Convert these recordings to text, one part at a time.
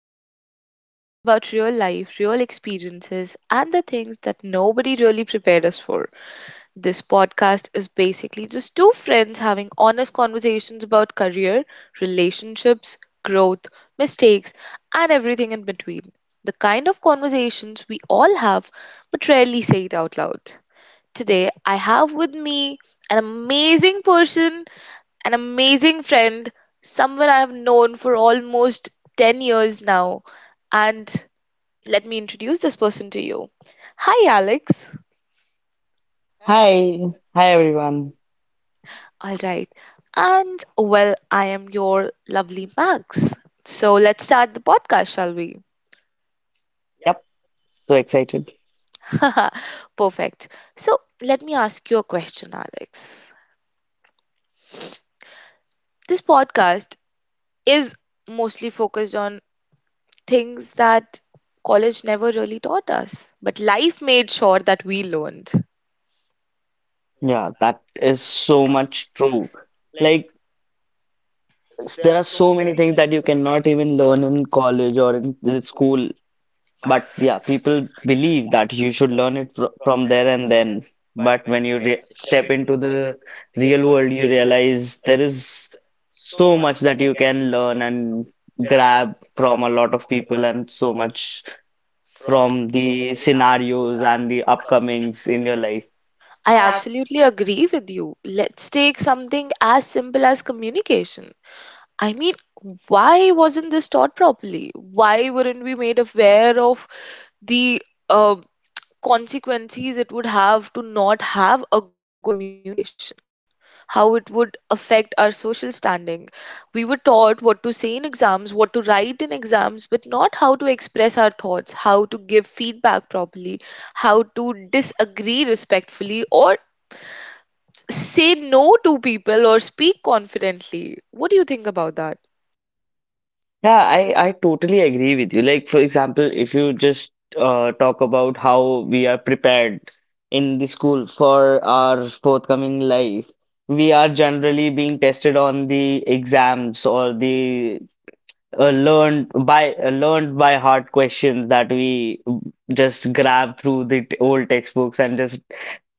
A space where we talk about real life, real experiences, and the things that nobody really prepared us for. This podcast is basically just two friends having honest conversations about career, relationships, growth, mistakes, and everything in between. The kind of conversations we all have but rarely say it out loud. Today, I have with me an amazing person, an amazing friend, someone I have known for almost 10 years now. And let me introduce this person to you. Hi, Alex. Hi, hi everyone. All right. And well, I am your lovely Max. So let's start the podcast, shall we? Yep, so excited. Perfect. So let me ask you a question, Alex. This podcast is mostly focused on things that college never really taught us, but life made sure that we learned. Yeah, that is so much true. Like, there are so many things that you cannot even learn in college or in school. But yeah, people believe that you should learn it fr from there and then. But when you re step into the real world, you realize there is so much that you can learn and grab from a lot of people and so much from the scenarios and the upcomings in your life. I absolutely agree with you. Let's take something as simple as communication. I mean, why wasn't this taught properly? Why weren't we made aware of the uh, consequences it would have to not have a good communication? How it would affect our social standing? We were taught what to say in exams, what to write in exams, but not how to express our thoughts, how to give feedback properly, how to disagree respectfully or say no to people or speak confidently. What do you think about that? Yeah, I totally agree with you. Like, for example, if you just talk about how we are prepared in the school for our forthcoming life, we are generally being tested on the exams or the learned by learned by heart questions that we just grab through the old textbooks and just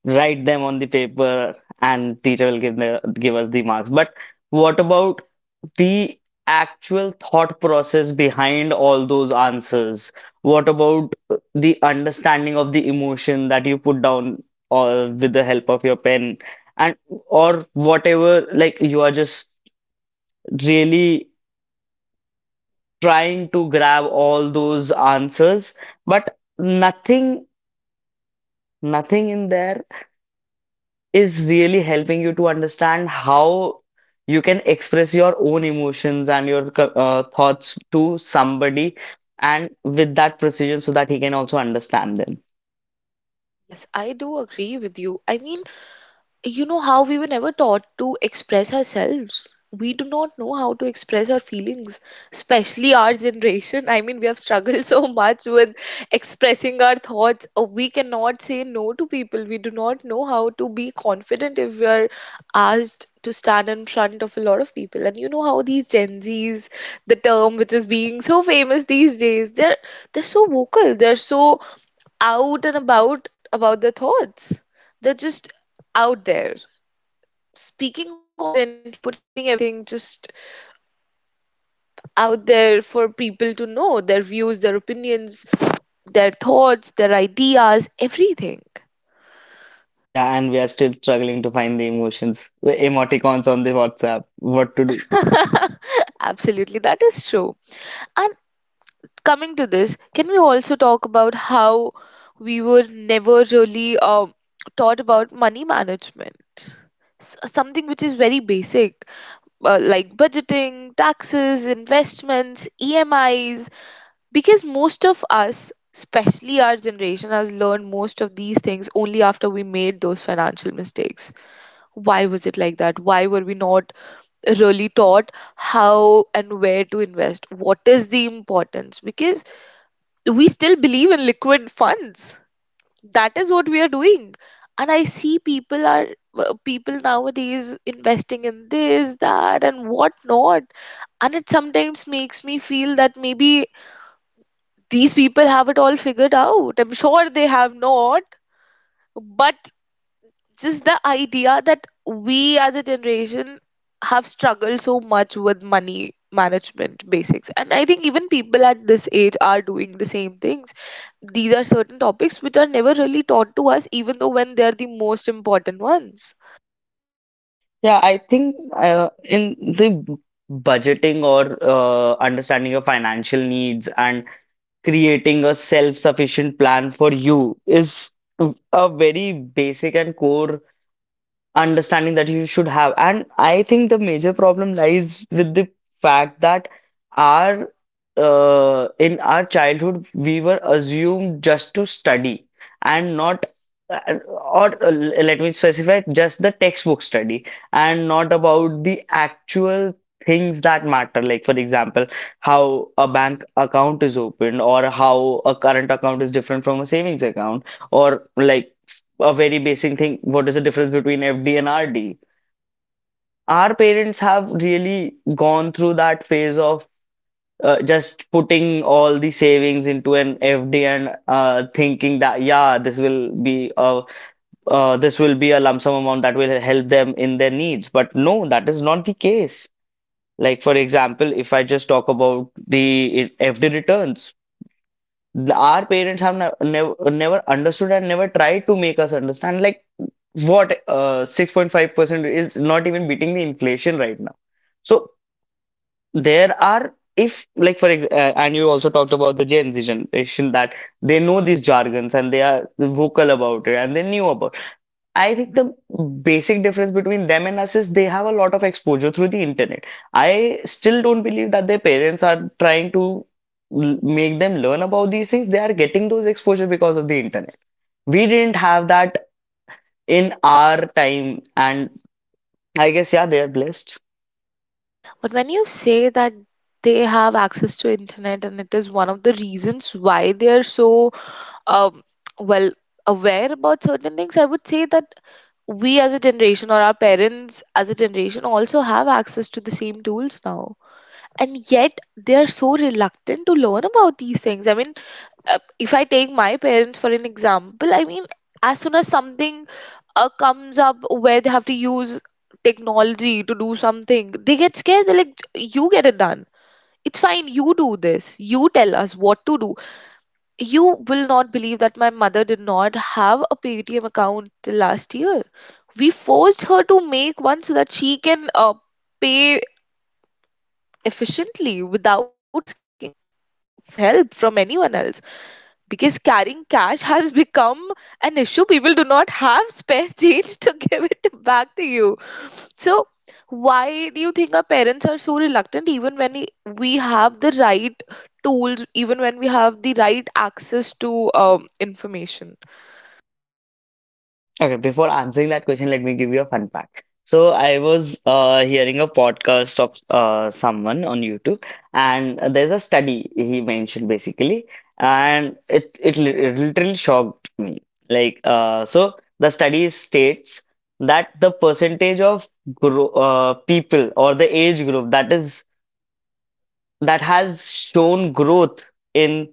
write them on the paper, and teacher will give us the marks. But what about the actual thought process behind all those answers? What about the understanding of the emotion that you put down or with the help of your pen and or whatever, like you are just really trying to grab all those answers, but nothing in there is really helping you to understand how you can express your own emotions and your thoughts to somebody and with that precision so that he can also understand them. Yes, I do agree with you. I mean, you know how we were never taught to express ourselves. We do not know how to express our feelings, especially our generation. I mean, we have struggled so much with expressing our thoughts. We cannot say no to people. We do not know how to be confident if we are asked to stand in front of a lot of people. And you know how these Gen Z's, the term which is being so famous these days, they're so vocal, they're so out and about their thoughts. They're just out there, speaking confidently, putting everything just out there for people to know their views, their opinions, their thoughts, their ideas, everything. Yeah, and we are still struggling to find the emotions, the emoticons on the WhatsApp, what to do. Absolutely, that is true. And coming to this, can we also talk about how we were never really taught about money management? Something which is very basic, like budgeting, taxes, investments, EMIs, because most of us, especially our generation, has learned most of these things only after we made those financial mistakes. Why was it like that? Why were we not really taught how and where to invest, what is the importance? Because we still believe in liquid funds. That is what we are doing. And I see people are people nowadays investing in this, that, and what not. And it sometimes makes me feel that maybe these people have it all figured out. I'm sure they have not. But just the idea that we as a generation have struggled so much with money management basics. And I think even people at this age are doing the same things. These are certain topics which are never really taught to us, even though when they are the most important ones. Yeah, I think in the budgeting or understanding your financial needs and creating a self-sufficient plan for you is a very basic and core understanding that you should have. And I think the major problem lies with the fact that our in our childhood we were assumed just to study and not or let me specify, just the textbook study and not about the actual things that matter, like, for example, how a bank account is opened or how a current account is different from a savings account, or like a very basic thing, what is the difference between FD and RD? Our parents have really gone through that phase of just putting all the savings into an FD and thinking that yeah, this will be a this will be a lump sum amount that will help them in their needs. But no, that is not the case. Like, for example, if I just talk about the FD returns, our parents have never never understood and never tried to make us understand, like, what, 6.5% is not even beating the inflation right now. So there are, if, like, for example, and you also talked about the gen z generation that they know these jargons and they are vocal about it and they knew about, I think the basic difference between them and us is they have a lot of exposure through the internet. I still don't believe that their parents are trying to make them learn about these things. They are getting those exposure because of the internet. We didn't have that in our time, and I guess yeah, they are blessed. But when you say that they have access to internet and it is one of the reasons why they are so um, well aware about certain things, I would say that we as a generation or our parents as a generation also have access to the same tools now. And yet they are so reluctant to learn about these things. I mean, if I take my parents for an example, I mean, as soon as something comes up where they have to use technology to do something, they get scared. They're like, you get it done. It's fine. You do this. You tell us what to do. You will not believe that my mother did not have a Paytm account till last year. We forced her to make one so that she can pay efficiently without asking for help from anyone else. Because carrying cash has become an issue. People do not have spare change to give it back to you. So, why do you think our parents are so reluctant even when we have the right tools, even when we have the right access to information? Okay, before answering that question, let me give you a fun fact. So I was hearing a podcast of someone on YouTube, and there's a study he mentioned basically, and it literally shocked me. Like, so the study states that the percentage of people, or the age group that is that has shown growth in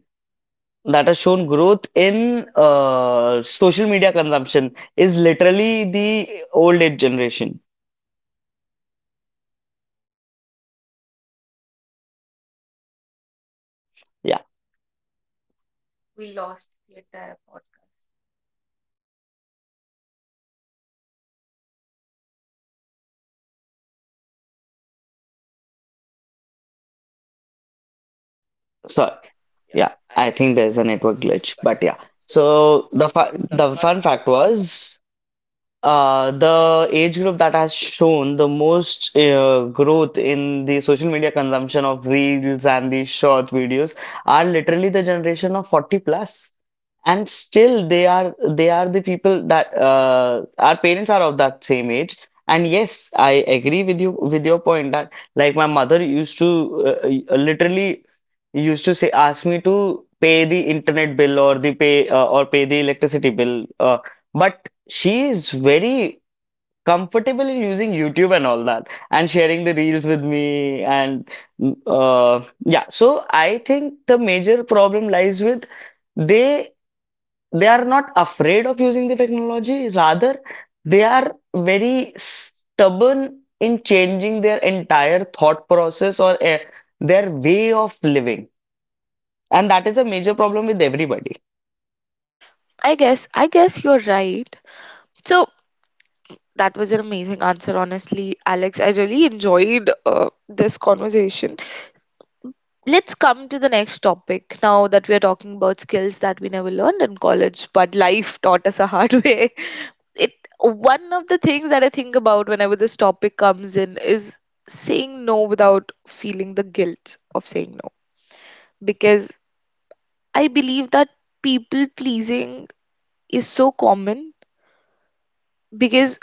that has shown growth in social media consumption is literally the old age generation. Yeah, so yeah, I think there's a network glitch, but yeah. So the fa the fun fact was, the age group that has shown the most growth in the social media consumption of reels and the short videos are literally the generation of 40 plus. And still they are the people that, our parents are of that same age. And yes, I agree with you, with your point, that like my mother used to literally used to say ask me to pay the internet bill or the pay the electricity bill. But she is very comfortable in using YouTube and all that, and sharing the reels with me, and yeah, so I think the major problem lies with, they are not afraid of using the technology, rather they are very stubborn in changing their entire thought process or their way of living, and that is a major problem with everybody. I guess you're right. So that was an amazing answer, honestly, Alex. I really enjoyed this conversation. Let's come to the next topic now that we are talking about skills that we never learned in college, but life taught us a hard way. It, one of the things that I think about whenever this topic comes in is saying no without feeling the guilt of saying no, because I believe that people pleasing is so common because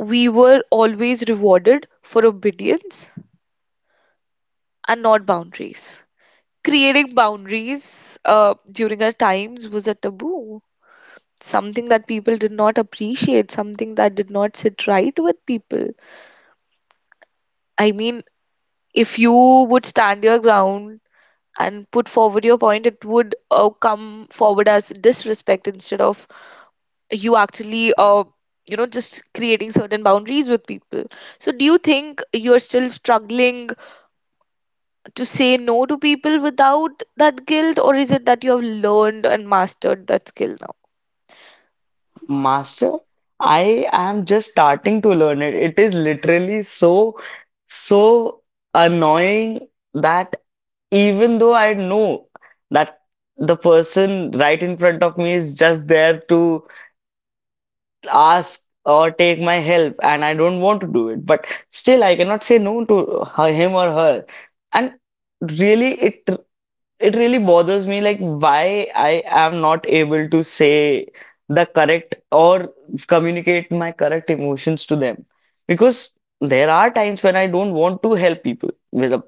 we were always rewarded for obedience and not boundaries. Creating boundaries during our times was a taboo, something that people did not appreciate, something that did not sit right with people. I mean, if you would stand your ground and put forward your point, it would come forward as disrespect instead of you actually, just creating certain boundaries with people. So, do you think you're still struggling to say no to people without that guilt, or is it that you have learned and mastered that skill now? Master, I am just starting to learn it. It is literally so, so annoying that even though I know that the person right in front of me is just there to ask or take my help and I don't want to do it, but still I cannot say no to her, him or her. And really, it really bothers me, like why I am not able to say the correct or communicate my correct emotions to them, because there are times when I don't want to help people with a,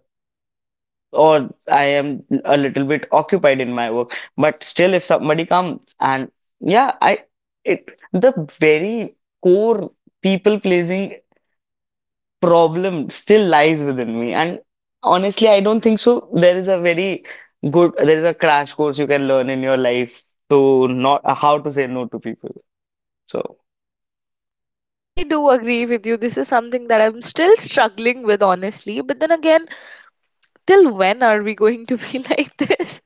or I am a little bit occupied in my work, but still if somebody comes and, yeah, I it the very core people pleasing problem still lies within me. And honestly, I don't think so. There is a very good, there is a crash course you can learn in your life to not how to say no to people. So, I do agree with you. This is something that I'm still struggling with, honestly. But then again, till when are we going to be like this?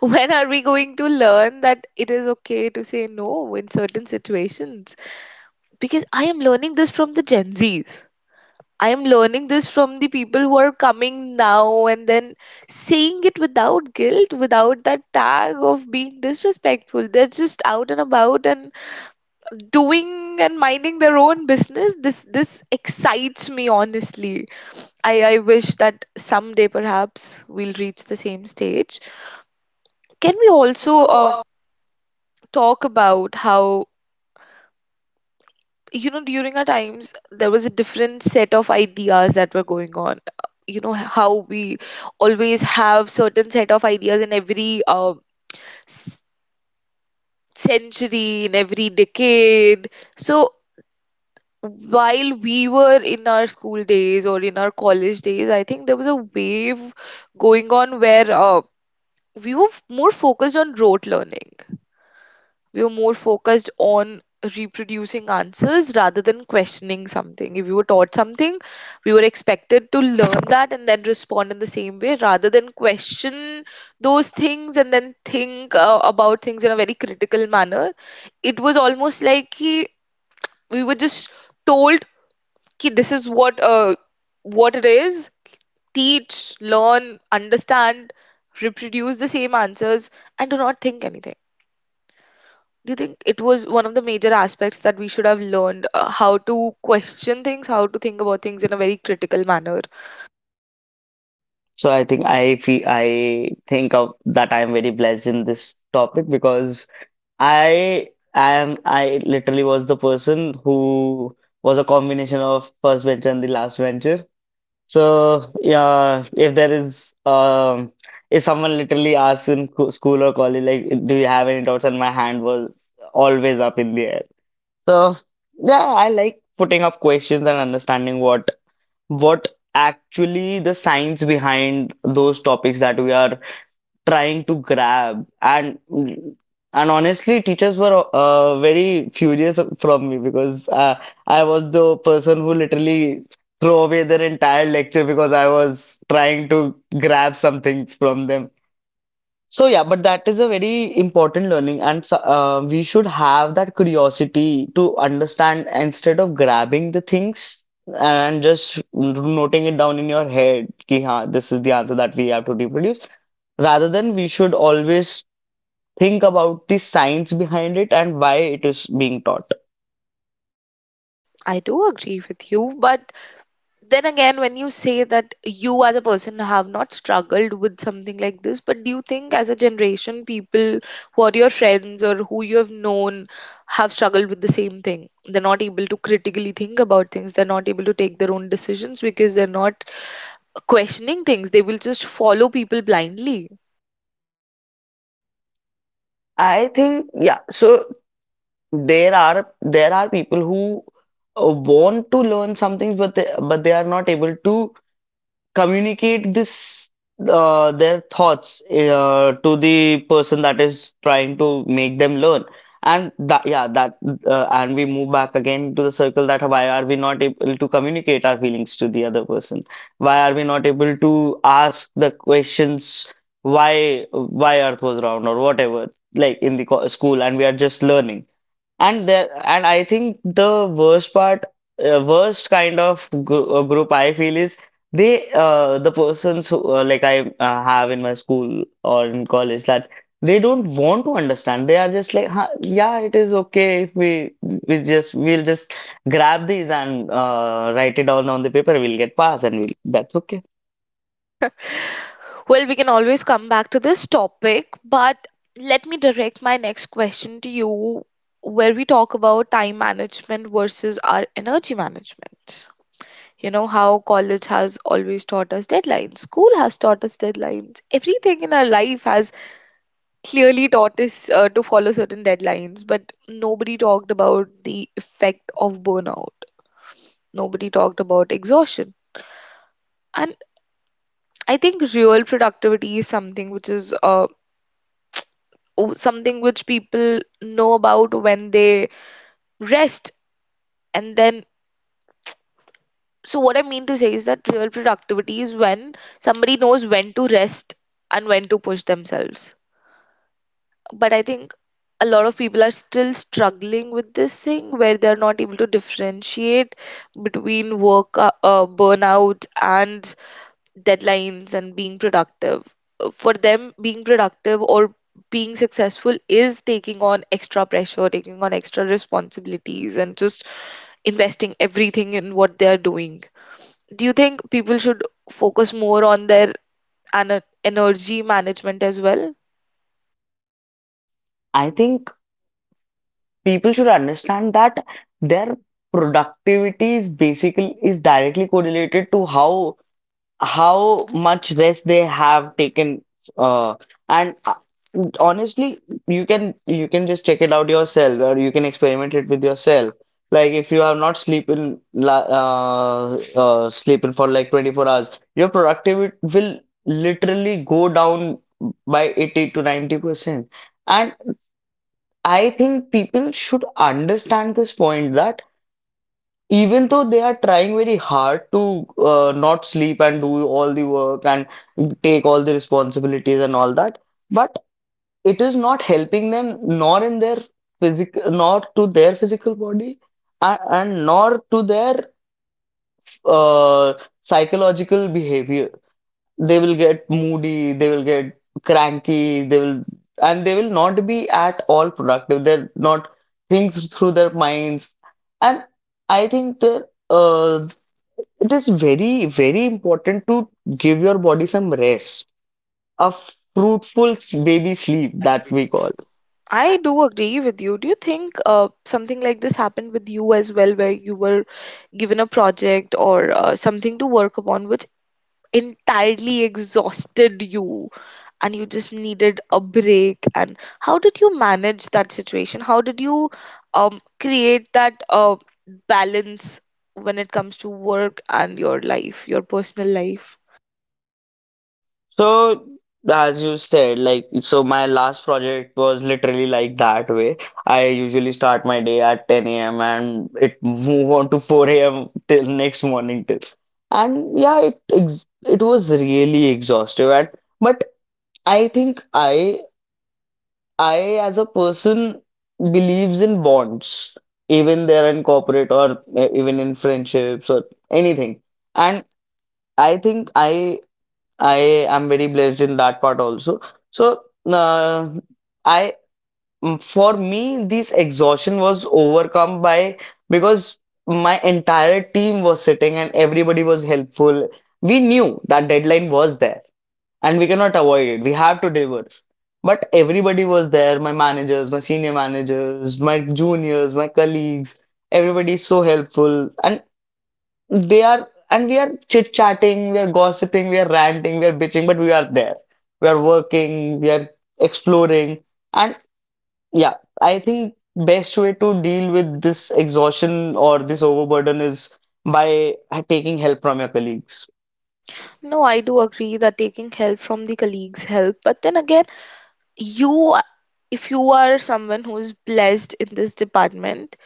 When are we going to learn that it is okay to say no in certain situations? Because I am learning this from the Gen Zs. I'm learning this from the people who are coming now and then saying it without guilt, without that tag of being disrespectful. They're just out and about and doing and minding their own business. This excites me honestly. I wish that someday perhaps we'll reach the same stage. Can we also talk about how, you know, during our times there was a different set of ideas that were going on? You know how we always have certain set of ideas in every s- century, in every decade. So while we were in our school days or in our college days, I think there was a wave going on where we were more focused on rote learning. We were more focused on reproducing answers rather than questioning something. If we were taught something, we were expected to learn that and then respond in the same way rather than question those things and then think about things in a very critical manner. It was almost like, we were just told ki, this is what it is. Teach, learn, understand, reproduce the same answers, and do not think anything. Do you think it was one of the major aspects that we should have learned, how to question things, how to think about things in a very critical manner? so I think I feel I think of that, I am very blessed in this topic because I literally was the person who was a combination of first venture and the last venture. So yeah, if there is if someone literally asks in school or college, like, do you have any doubts? And my hand was always up in the air. So yeah, I like putting up questions and understanding what actually the science behind those topics that we are trying to grab. And honestly teachers were very furious from me because I was the person who literally throw away their entire lecture because I was trying to grab something from them. So yeah, but that is a very important learning, and we should have that curiosity to understand instead of grabbing the things and just noting it down in your head. Ki, "Haan, this is the answer that we have to reproduce. Rather than, we should always think about the science behind it and why it is being taught. I do agree with you, but then again, when you say that you as a person have not struggled with something like this, but do you think as a generation, people who are your friends or who you have known have struggled with the same thing? They're not able to critically think about things, they're not able to take their own decisions because they're not questioning things, they will just follow people blindly. I think yeah. So there are there are people who want to learn some things, but they are not able to communicate this their thoughts to the person that is trying to make them learn. And that, yeah, that and we move back again to the circle that, why are we not able to communicate our feelings to the other person, why are we not able to ask the questions, why earth was round or whatever, like in the school, and we are just learning. And there, and I think the worst part, worst kind of group I feel is, they, the persons who, like I have in my school or in college, that they don't want to understand. They are just like, huh, yeah, it is okay if we'll just grab these and write it down on the paper. We'll get pass, and we'll, that's okay. Well, we can always come back to this topic, but let me direct my next question to you, where we talk about time management versus our energy management. You know how college has always taught us deadlines, school has taught us deadlines, everything in our life has clearly taught us to follow certain deadlines, but nobody talked about the effect of burnout, nobody talked about exhaustion. And I think real productivity is something which is something which people know about when they rest and then, so what I mean to say is that real productivity is when somebody knows when to rest and when to push themselves. But I think a lot of people are still struggling with this thing where they're not able to differentiate between work burnout and deadlines and being productive. For them, being productive or being successful is taking on extra pressure, taking on extra responsibilities, and just investing everything in what they are doing. Do you think people should focus more on their energy management as well? I think people should understand that their productivity is basically is directly correlated to how much rest they have taken, uh, and honestly, you can just check it out yourself, or you can experiment it with yourself. Like if you have not sleeping sleeping for like 24 hours, your productivity will literally go down by 80 to 90%. And I think people should understand this point that even though they are trying very hard to not sleep and do all the work and take all the responsibilities and all that, but it is not helping them, nor in their physical, nor to their physical body, and nor to their uh, psychological behavior. They will get moody, they will get cranky, they will, and they will not be at all productive. They're not things through their minds. And I think that it is very, very important to give your body some rest, a fruitful baby sleep that we call. I do agree with you. Do you think something like this happened with you as well, where you were given a project or something to work upon, which entirely exhausted you and you just needed a break? And how did you manage that situation? How did you create that balance when it comes to work and your life, your personal life? So, as you said, like, so my last project was literally like that way. I usually start my day at 10 a.m. and it move on to 4 a.m. till next morning till. And yeah, it was really exhaustive. And but I think I, as a person, believes in bonds, even they're in corporate or even in friendships or anything. And I think I am very blessed in that part also. So, I for me this exhaustion was overcome by because my entire team was sitting and everybody was helpful. We knew that deadline was there and we cannot avoid it. We have to deliver. But everybody was there, my managers, my senior managers, my juniors, my colleagues, everybody is so helpful. And they are and we are chit-chatting, we are gossiping, we are ranting, we are bitching, but we are there. We are working, we are exploring. And yeah, I think best way to deal with this exhaustion or this overburden is by taking help from your colleagues. No, I do agree that taking help from the colleagues help but then again, you a- if you are someone who is blessed in this department,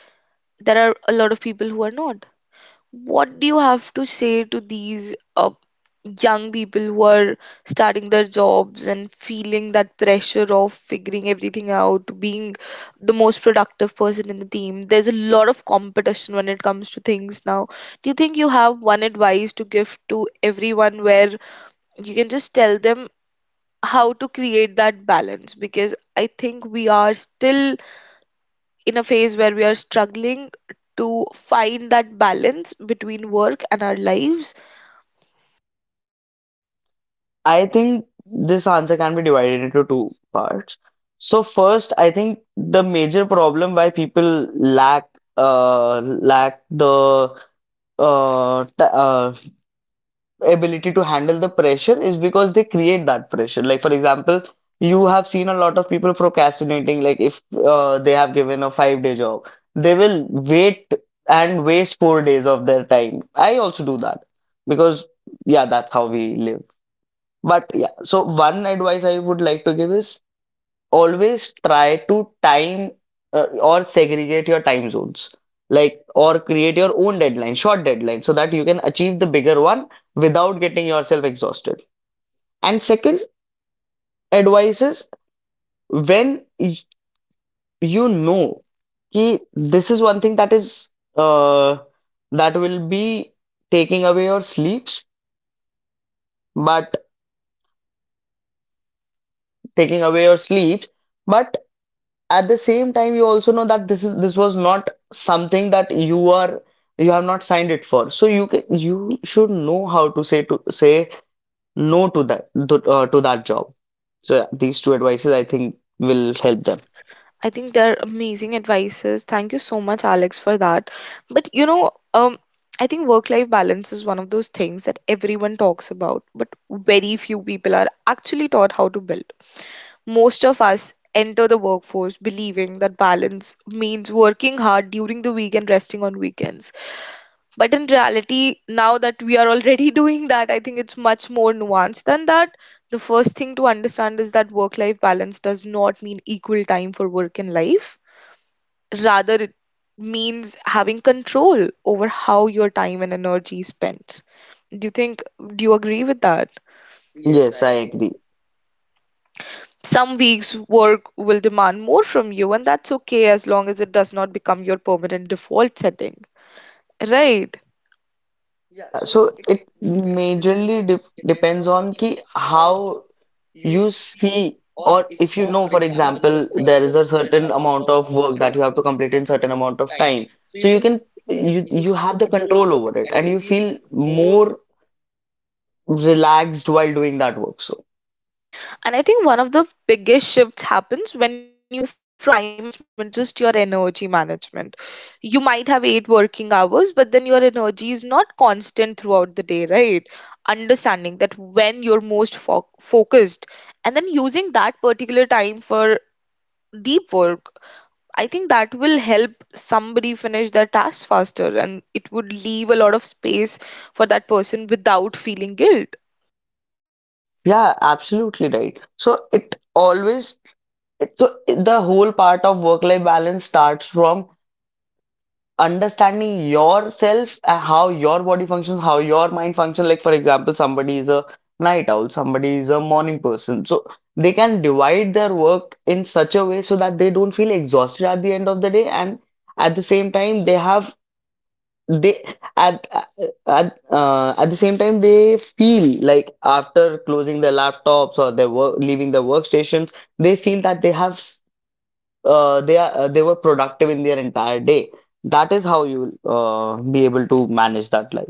there are a lot of people who are not. What do you have to say to these young people who are starting their jobs and feeling that pressure of figuring everything out, being the most productive person in the team? There's a lot of competition when it comes to things now. Do you think you have one advice to give to everyone where you can just tell them how to create that balance? Because I think we are still in a phase where we are struggling to find that balance between work and our lives. I think this answer can be divided into 2 parts. So first, I think the major problem why people lack lack the t ability to handle the pressure is because they create that pressure. Like for example, you have seen a lot of people procrastinating. Like if they have given a 5 day job, they will wait and waste 4 days of their time. I also do that because yeah, that's how we live. But yeah, so one advice I would like to give is always try to time or segregate your time zones, like or create your own deadline, short deadline, so that you can achieve the bigger one without getting yourself exhausted. And second advice is when you know कि this is one thing that is uh, that will be taking away your sleeps, but taking away your sleep, but at the same time you also know that this was not something that you have not signed it for, so you should know how to say no to to that job. So yeah, these 2 advices I think will help them. I think they're amazing advices. Thank you so much, Alex, for that. But you know, I think work life balance is one of those things that everyone talks about, but very few people are actually taught how to build. Most of us enter the workforce believing that balance means working hard during the week and resting on weekends. But in reality, now that we are already doing that, I think it's much more nuanced than that. The first thing to understand is that work life balance does not mean equal time for work and life. Rather, it means having control over how your time and energy is spent. Do you think, do you agree with that? Yes, I agree. Some weeks' work will demand more from you, and that's okay as long as it does not become your permanent default setting. Right. Yeah, so it majorly depends on ki how. You see, or if you know, for example, there is a certain amount of work that you have to complete in certain amount of time. So you you have the control over it and you feel more relaxed while doing that work. So And I think one of the biggest shifts happens when you move from time management to just your energy management. You might have eight working hours, but then your energy is not constant throughout the day, right? Understanding that when you're most focused, and then using that particular time for deep work, I think that will help somebody finish their task faster and it would leave a lot of space for that person without feeling guilt. yeah, absolutely right. So so the whole part of work-life balance starts from understanding yourself, how your body functions, how your mind functions. Like for example, somebody is a night owl, somebody is a morning person, so they can divide their work in such a way so that they don't feel exhausted at the end of the day, and at the same time they have they at at the same time they feel like after closing their laptops or their work, leaving their workstations, they feel that they have they are they were productive in their entire day. That is how you will be able to manage that life.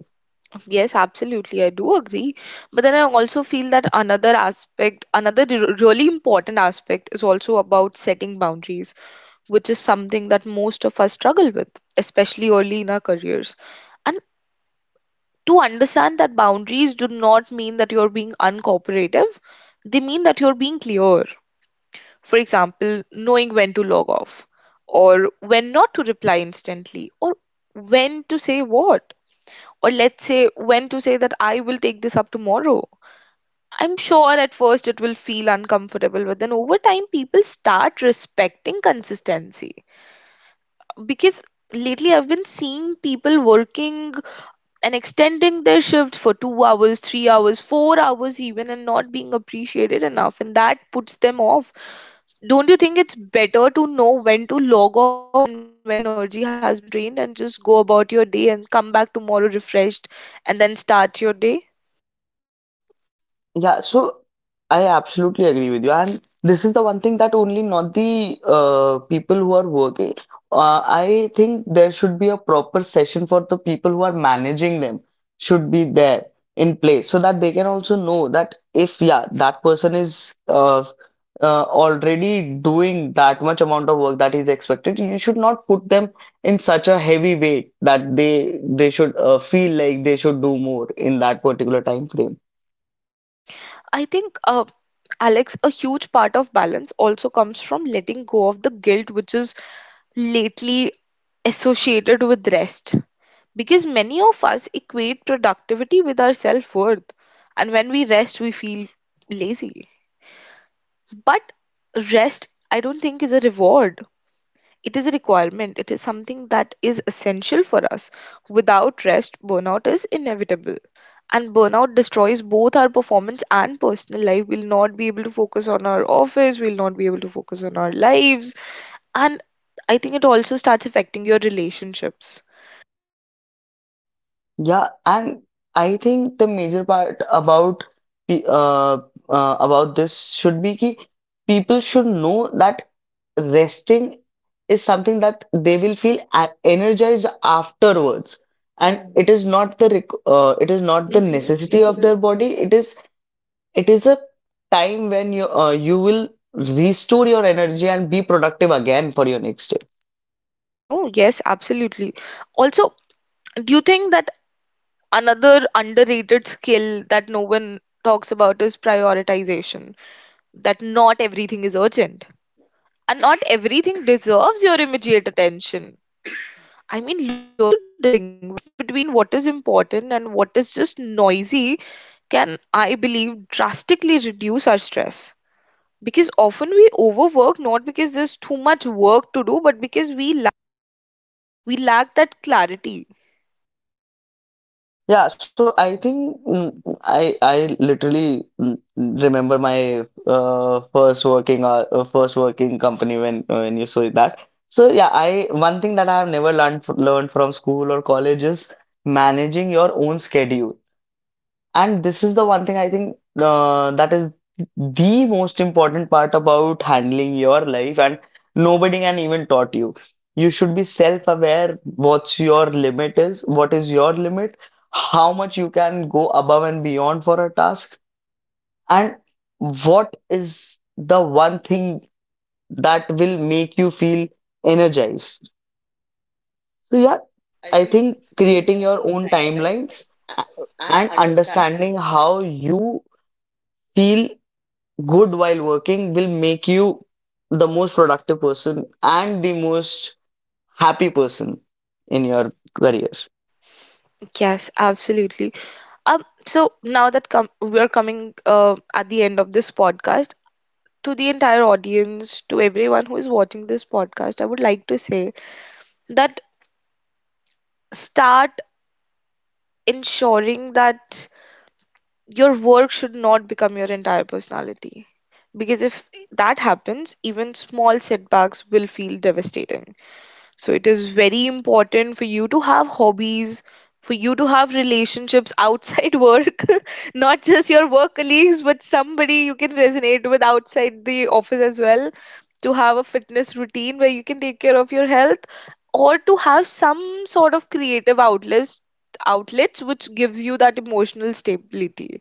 Yes, absolutely. I do agree. But then I also feel that another aspect, another really important aspect is also about setting boundaries, which is something that most of us struggle with, especially early in our careers. And to understand that boundaries do not mean that you're being uncooperative, they mean that you're being clear. For example, knowing when to log off, or when not to reply instantly, or when to say what, or let's say when to say that I will take this up tomorrow. I'm sure at first it will feel uncomfortable, but then over time, people start respecting consistency. Because lately, I've been seeing people working and extending their shift for 2 hours, 3 hours, 4 hours, even, and not being appreciated enough. And that puts them off. Don't you think it's better to know when to log off and when your energy has been drained, and just go about your day and come back tomorrow refreshed and then start your day? Yeah, so I absolutely agree with you. And this is the one thing that only not the people who are working. I think there should be a proper session for the people who are managing them, should be there in place so that they can also know that if, yeah, that person is already doing that much amount of work that is expected, you should not put them in such a heavy weight that they should feel like they should do more in that particular time frame. I think, Alex, a huge part of balance also comes from letting go of the guilt which lately associated with rest. Because many of us equate productivity with our self worth, and when we rest, we feel lazy. But rest, I don't think, is a reward. It is a requirement. It is something that is essential for us. Without rest, burnout is inevitable, and burnout destroys both our performance and personal life. We'll not be able to focus on our office, we'll not be able to focus on our lives, and I think it also starts affecting your relationships. Yeah, and I think the major part about pe- uh, uh, about this should be ki people should know that resting is something that they will feel energized afterwards, and it is not the it is not the necessity of Hmm. their body. It is a time when you will restore your energy and be productive again for your next day. No, yes, absolutely. Also, do you think that another underrated skill that no one talks about is prioritization? That not everything is urgent and not everything deserves your immediate attention. I mean, learning to distinguish between what is important and what is just noisy can, I believe, drastically reduce our stress. Because often we overwork not because there's too much work to do, but because we lack that clarity. Yeah, so I think I literally remember my first working company when you say that. So yeah, I one thing that I have never learned learned from school or college is managing your own schedule. And this is the one thing I think that is the most important part about handling your life, and nobody can even taught you. You should be self-aware what is your limit, how much you can go above and beyond for a task, and what is the one thing that will make you feel energized. So yeah, I think creating your own timelines uh, and understanding how you feel good while working will make you the most productive person and the most happy person in your career. Yes, absolutely. So now that we are coming at the end of this podcast, to the entire audience, to everyone who is watching this podcast, I would like to say that start ensuring that your work should not become your entire personality. Because if that happens, even small setbacks will feel devastating. So it is very important for you to have hobbies, for you to have relationships outside work, not just your work colleagues, but somebody you can resonate with outside the office as well, to have a fitness routine where you can take care of your health, or to have some sort of creative outlets, which gives you that emotional stability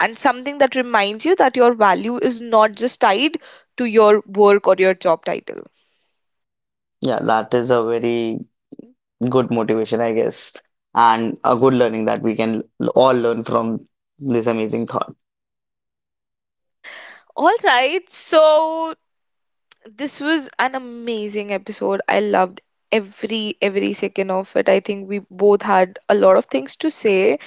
and something that reminds you that your value is not just tied to your work or your job title. Yeah, that is a very good motivation, I guess, and a good learning that we can all learn from this amazing thought. All right, so this was an amazing episode. I loved every second of it. I think we both had a lot of things to say.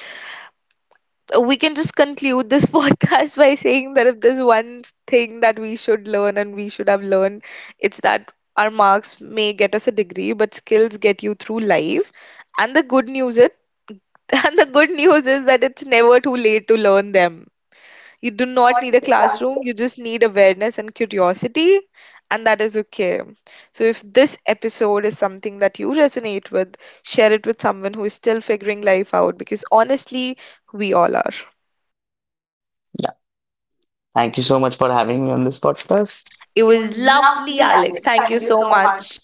We can just conclude this podcast by saying that if there's one thing that we should learn and we should have learned, it's that our marks may get us a degree, but skills get you through life. And the good news is, and the good news is that it's never too late to learn them. You do not need a classroom, you just need awareness and curiosity, and that is okay. So, if this episode is something that you resonate with, share it with someone who is still figuring life out because honestly, we all are. Yeah, thank you so much for having me on this podcast. It was lovely, Alex. Thank you so much.